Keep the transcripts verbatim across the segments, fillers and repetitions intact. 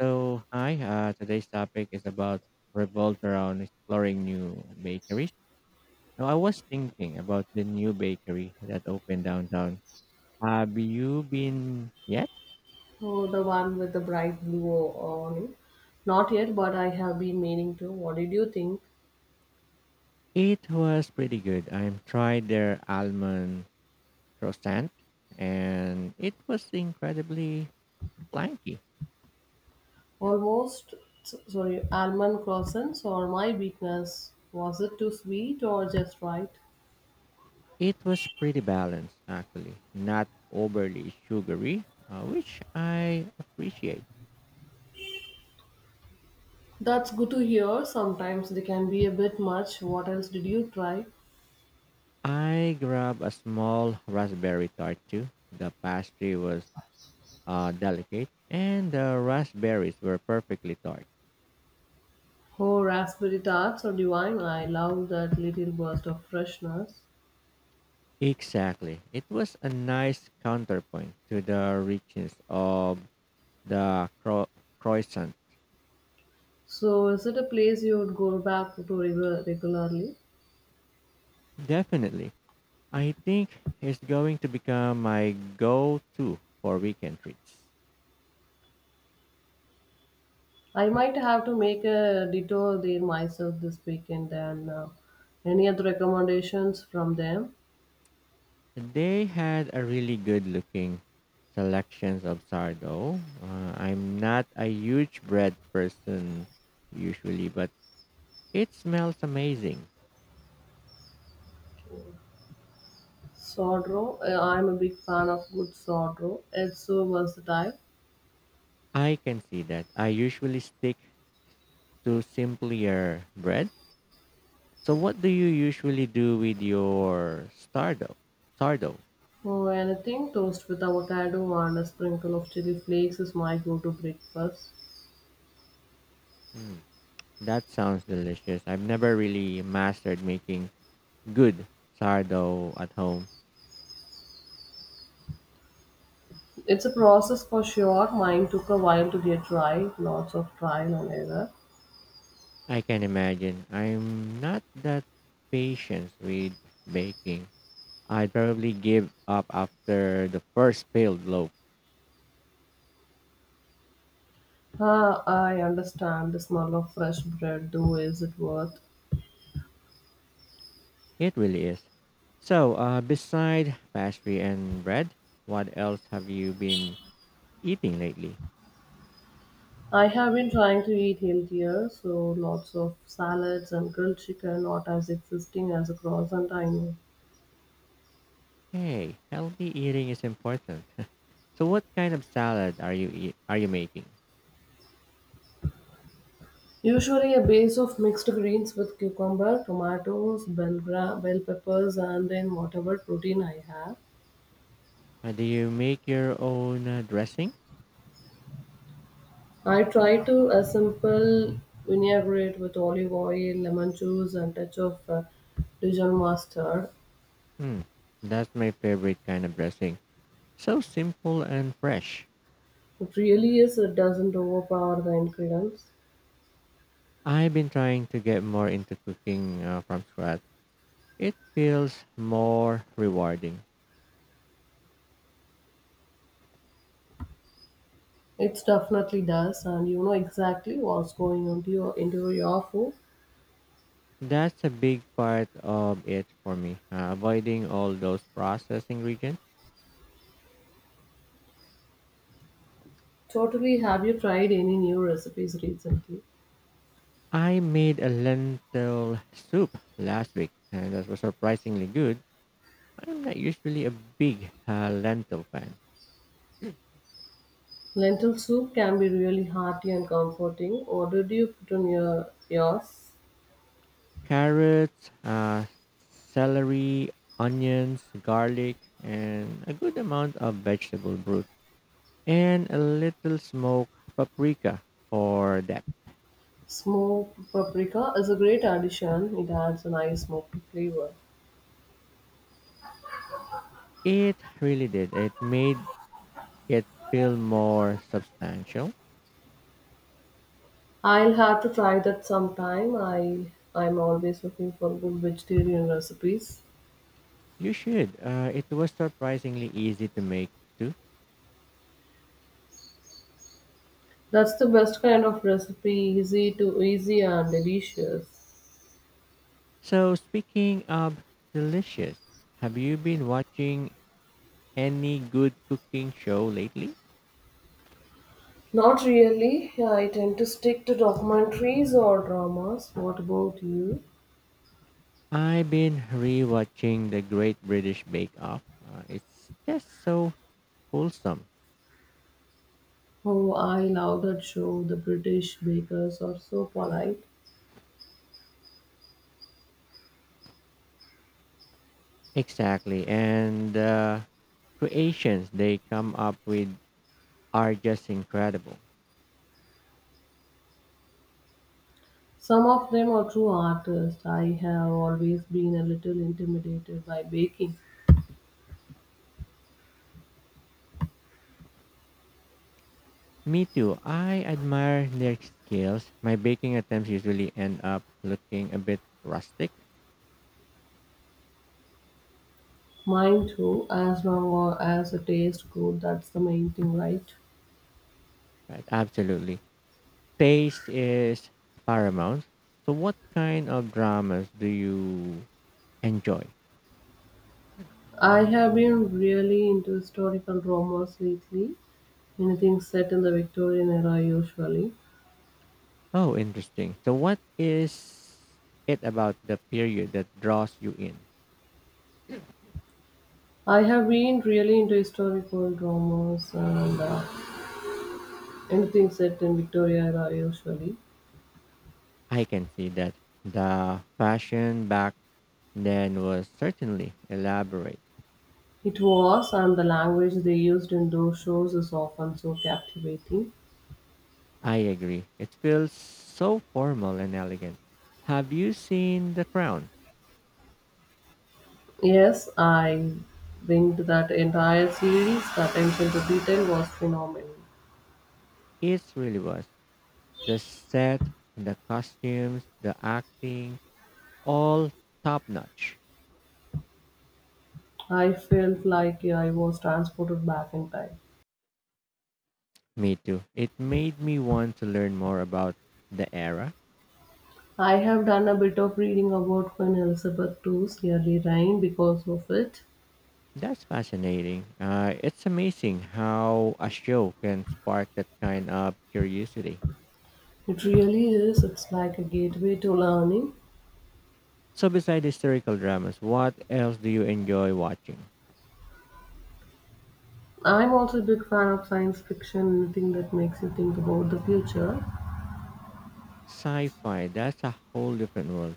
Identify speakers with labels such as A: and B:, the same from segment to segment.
A: So, hi, uh, today's topic is about revolved around exploring new bakeries. Now, I was thinking about the new bakery that opened downtown. Have you been yet?
B: Oh, the one with the bright blue on it. Not yet, but I have been meaning to. What did you think?
A: It was pretty good. I tried their almond croissant and it was incredibly flaky.
B: Almost, s- sorry, almond croissants or my weakness? Was it too sweet or just right?
A: It was pretty balanced, actually, not overly sugary, uh, which I appreciate.
B: That's good to hear. Sometimes they can be a bit much. What else did you try?
A: I grabbed a small raspberry tart too. The pastry was uh, delicate and the raspberries were perfectly tart.
B: Oh, raspberry tarts or divine. I love that little burst of freshness.
A: Exactly. It was a nice counterpoint to the richness of the cro- croissant.
B: So, is it a place you would go back to regu- regularly?
A: Definitely. I think it's going to become my go to for weekend treats.
B: I might have to make a detour there myself this weekend and uh, any other recommendations from them.
A: They had a really good looking selections of sourdough. Uh, I'm not a huge bread person usually, but it smells amazing.
B: Sourdough. uh, I'm a big fan of good sourdough. It's so versatile.
A: I can see that. I usually stick to simpler bread. So, what do you usually do with your sourdough? Sourdough.
B: Oh, anything toast with avocado and a sprinkle of chili flakes is my go-to breakfast.
A: Hmm, that sounds delicious. I've never really mastered making good sourdough at home.
B: It's a process for sure. Mine took a while to get right, lots of trial and error.
A: I can imagine. I'm not that patient with baking. I'd probably give up after the first peeled loaf.
B: Ah, I understand the smell of fresh bread though. Is it worth?
A: It really is. So, uh, beside pastry and bread, what else have you been eating lately?
B: I have been trying to eat healthier, so lots of salads and grilled chicken, not as existing as a croissant, I know.
A: Hey, healthy eating is important. So, what kind of salad are you eat- are you making?
B: Usually a base of mixed greens with cucumber, tomatoes, bell, gra- bell peppers, and then whatever protein I have.
A: Uh, do you make your own uh, dressing?
B: I try to a simple vinaigrette with olive oil, lemon juice, and touch of uh, Dijon mustard.
A: Hmm, that's my favorite kind of dressing. So simple and fresh.
B: It really is, it doesn't overpower the ingredients.
A: I've been trying to get more into cooking uh, from scratch. It feels more rewarding.
B: It definitely does, and you know exactly what's going on to your, into your food.
A: That's a big part of it for me, uh, avoiding all those processed ingredients.
B: Totally, have you tried any new recipes recently?
A: I made a lentil soup last week, and that was surprisingly good. I'm not usually a big uh, lentil fan.
B: Lentil soup can be really hearty and comforting. What did you put on your yours?
A: Carrots, uh, celery, onions, garlic, and a good amount of vegetable broth, and a little smoked paprika for that.
B: Smoked paprika is a great addition. It adds a nice smoky flavor.
A: It really did. It made it feel more substantial.
B: I'll have to try that sometime. I I'm always looking for good vegetarian recipes.
A: You should. Uh, it was surprisingly easy to make too.
B: That's the best kind of recipe, easy to easy and delicious.
A: So, speaking of delicious, have you been watching any good cooking show lately?
B: Not really. I tend to stick to documentaries or dramas. What about you?
A: I've been rewatching The Great British Bake Off. Uh, it's just so wholesome.
B: Oh, I love that show. The British bakers are so polite.
A: Exactly, and. Uh, creations they come up with are just incredible.
B: Some of them are true artists. I have always been a little intimidated by baking.
A: Me too. I admire their skills. My baking attempts usually end up looking a bit rustic,
B: Mine too, as long as the taste good, that's the main thing, right?
A: right? Absolutely. Taste is paramount. So, what kind of dramas do you enjoy?
B: I have been really into historical dramas lately. Anything set in the Victorian era usually.
A: Oh, interesting. So, what is it about the period that draws you in?
B: I have been really into historical dramas and uh, anything set in Victoria era usually.
A: I can see that the fashion back then was certainly elaborate.
B: It was, and the language they used in those shows is often so captivating.
A: I agree. It feels so formal and elegant. Have you seen The Crown?
B: Yes, I think that entire series, the attention to detail was phenomenal.
A: It really was. The set, the costumes, the acting, all top notch.
B: I felt like I was transported back in time.
A: Me too. It made me want to learn more about the era.
B: I have done a bit of reading about Queen Elizabeth the second's early reign because of it.
A: That's fascinating. Uh, it's amazing how a show can spark that kind of curiosity.
B: It really is, it's like a gateway to learning.
A: So, besides historical dramas, what else do you enjoy watching?
B: I'm also a big fan of science fiction, anything that makes you think about the future.
A: Sci-fi, that's a whole different world.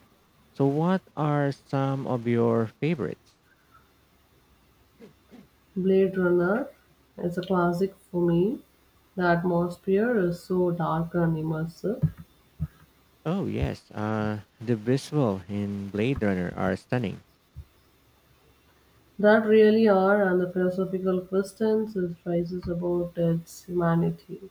A: So, what are some of your favorites?
B: Blade Runner is a classic for me. The atmosphere is so dark and immersive.
A: Oh yes, uh the visual in Blade Runner are stunning.
B: That really are, and the philosophical questions it raises about its humanity.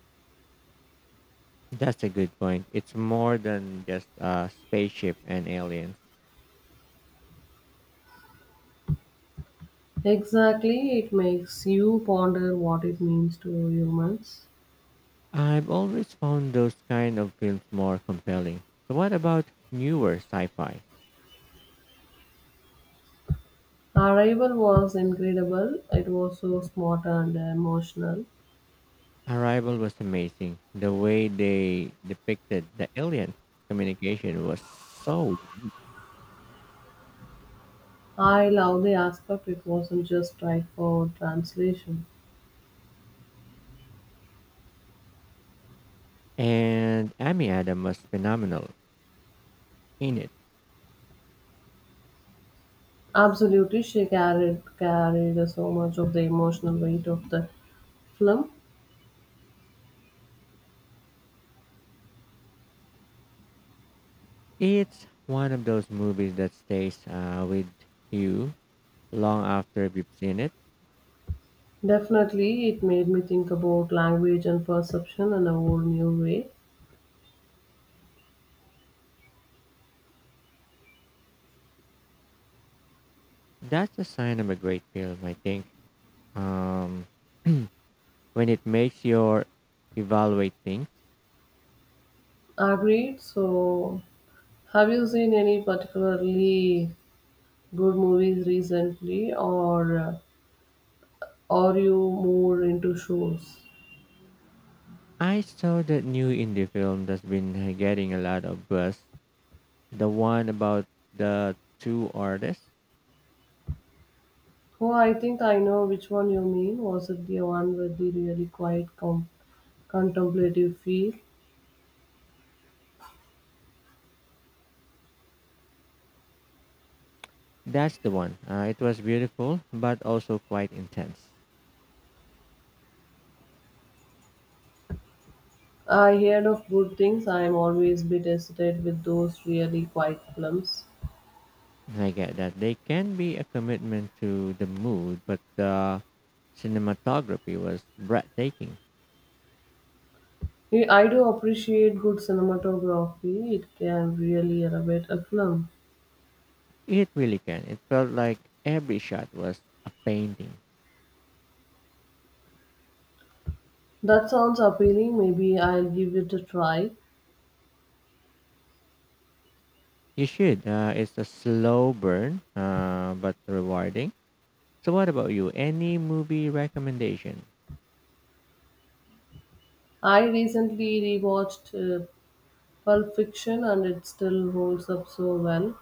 A: That's a good point. It's more than just a spaceship and aliens.
B: Exactly, it makes you ponder what it means to humans.
A: I've always found those kind of films more compelling. So, what about newer sci-fi?
B: Arrival was incredible. It was so smart and emotional.
A: Arrival was amazing. The way they depicted the alien communication was so,
B: I love the aspect it wasn't just right for translation.
A: and Amy Adam was phenomenal in it.
B: Absolutely, she carried carried so much of the emotional weight of the film.
A: It's one of those movies that stays uh, with you long after you've seen it.
B: Definitely, it made me think about language and perception in a whole new way.
A: That's a sign of a great film, I think. Um, when it makes your evaluate things.
B: Agreed. So, have you seen any particularly good movies recently, or uh, are you more into shows?
A: I saw that new indie film that's been uh, getting a lot of buzz. The one about the two artists.
B: Oh, I think I know which one you mean. Was it the one with the really quiet com- contemplative feel?
A: That's the one. Uh, it was beautiful, but also quite intense.
B: I heard of good things. I am always bit hesitant with those really quiet films.
A: I get that. They can be a commitment to the mood, but the cinematography was breathtaking.
B: I I do appreciate good cinematography. It can really elevate a film.
A: It really can. It felt like every shot was a painting.
B: That sounds appealing. Maybe I'll give it a try.
A: You should. Uh, it's a slow burn, uh, but rewarding. So, what about you? Any movie recommendation?
B: I recently rewatched uh, Pulp Fiction and it still holds up so well.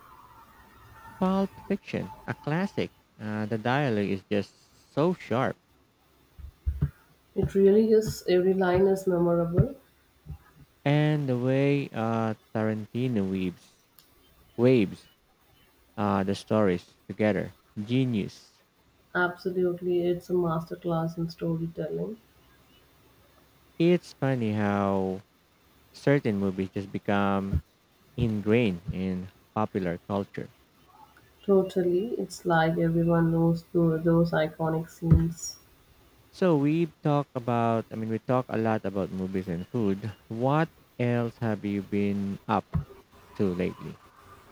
A: Pulp Fiction, a classic. Uh, the dialogue is just so sharp,
B: It really is, every line is memorable.
A: and the way uh, Tarantino weaves waves uh, the stories together. Genius.
B: Absolutely, it's a masterclass in storytelling.
A: It's funny how certain movies just become ingrained in popular culture.
B: Totally. It's like everyone knows tho- those iconic scenes.
A: So we talk about, I mean, we talk a lot about movies and food. What else have you been up to lately?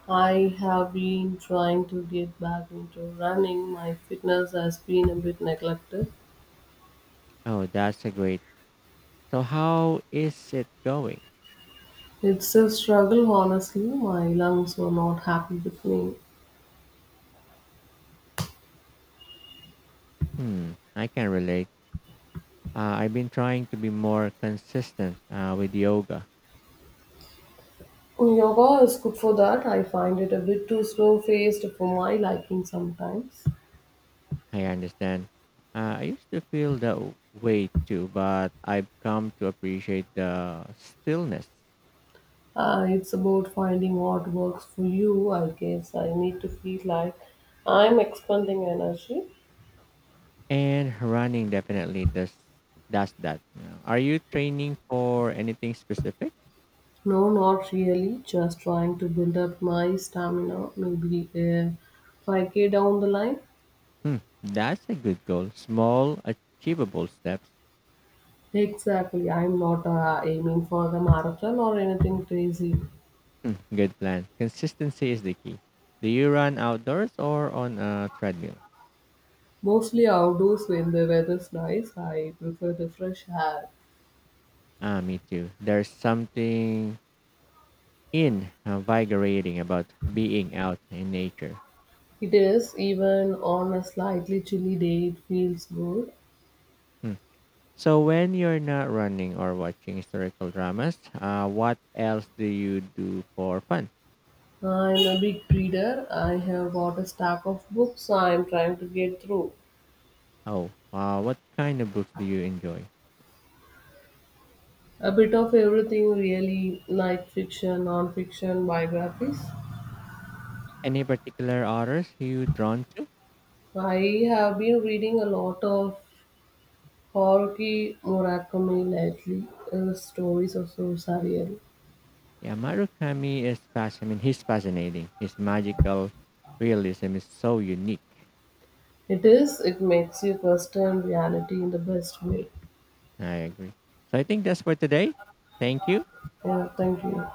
B: I have been trying to get back into running. My fitness has been a bit neglected.
A: Oh, that's a great. So, how is it going?
B: It's a struggle, honestly. My lungs were not happy with me.
A: Hmm, I can relate. Uh, I've been trying to be more consistent uh, with yoga.
B: Yoga is good for that. I find it a bit too slow paced for my liking sometimes.
A: I understand. Uh, I used to feel that way too, but I've come to appreciate the stillness.
B: Uh, it's about finding what works for you, I guess. I need to feel like I'm expending energy.
A: And running definitely does does that, you know. Are you training for anything specific?
B: No, not really. Just trying to build up my stamina. Maybe uh, five k down the line.
A: Hmm, that's a good goal. Small, achievable steps.
B: Exactly. I'm not uh, aiming for the marathon or anything crazy.
A: Hmm, good plan. Consistency is the key. Do you run outdoors or on a treadmill?
B: Mostly outdoors when the weather's nice. I prefer the fresh air.
A: Ah, me too. There's something invigorating about being out in nature.
B: It is, even on a slightly chilly day, it feels good.
A: Hmm. So, when you're not running or watching historical dramas, uh, what else do you do for fun?
B: I'm a big reader. I have got a stack of books I'm trying to get through.
A: Oh, wow! What kind of books do you enjoy?
B: A bit of everything, really, like fiction, non fiction, biographies.
A: Any particular authors you drawn to?
B: I have been reading a lot of Haruki Murakami lately. His stories are so surreal.
A: Yeah, Murakami is fasc- I mean, he's fascinating. His magical realism is so unique.
B: It is, it makes you question reality in the best way.
A: I agree. So, I think that's for today. Thank you.
B: Yeah, thank you.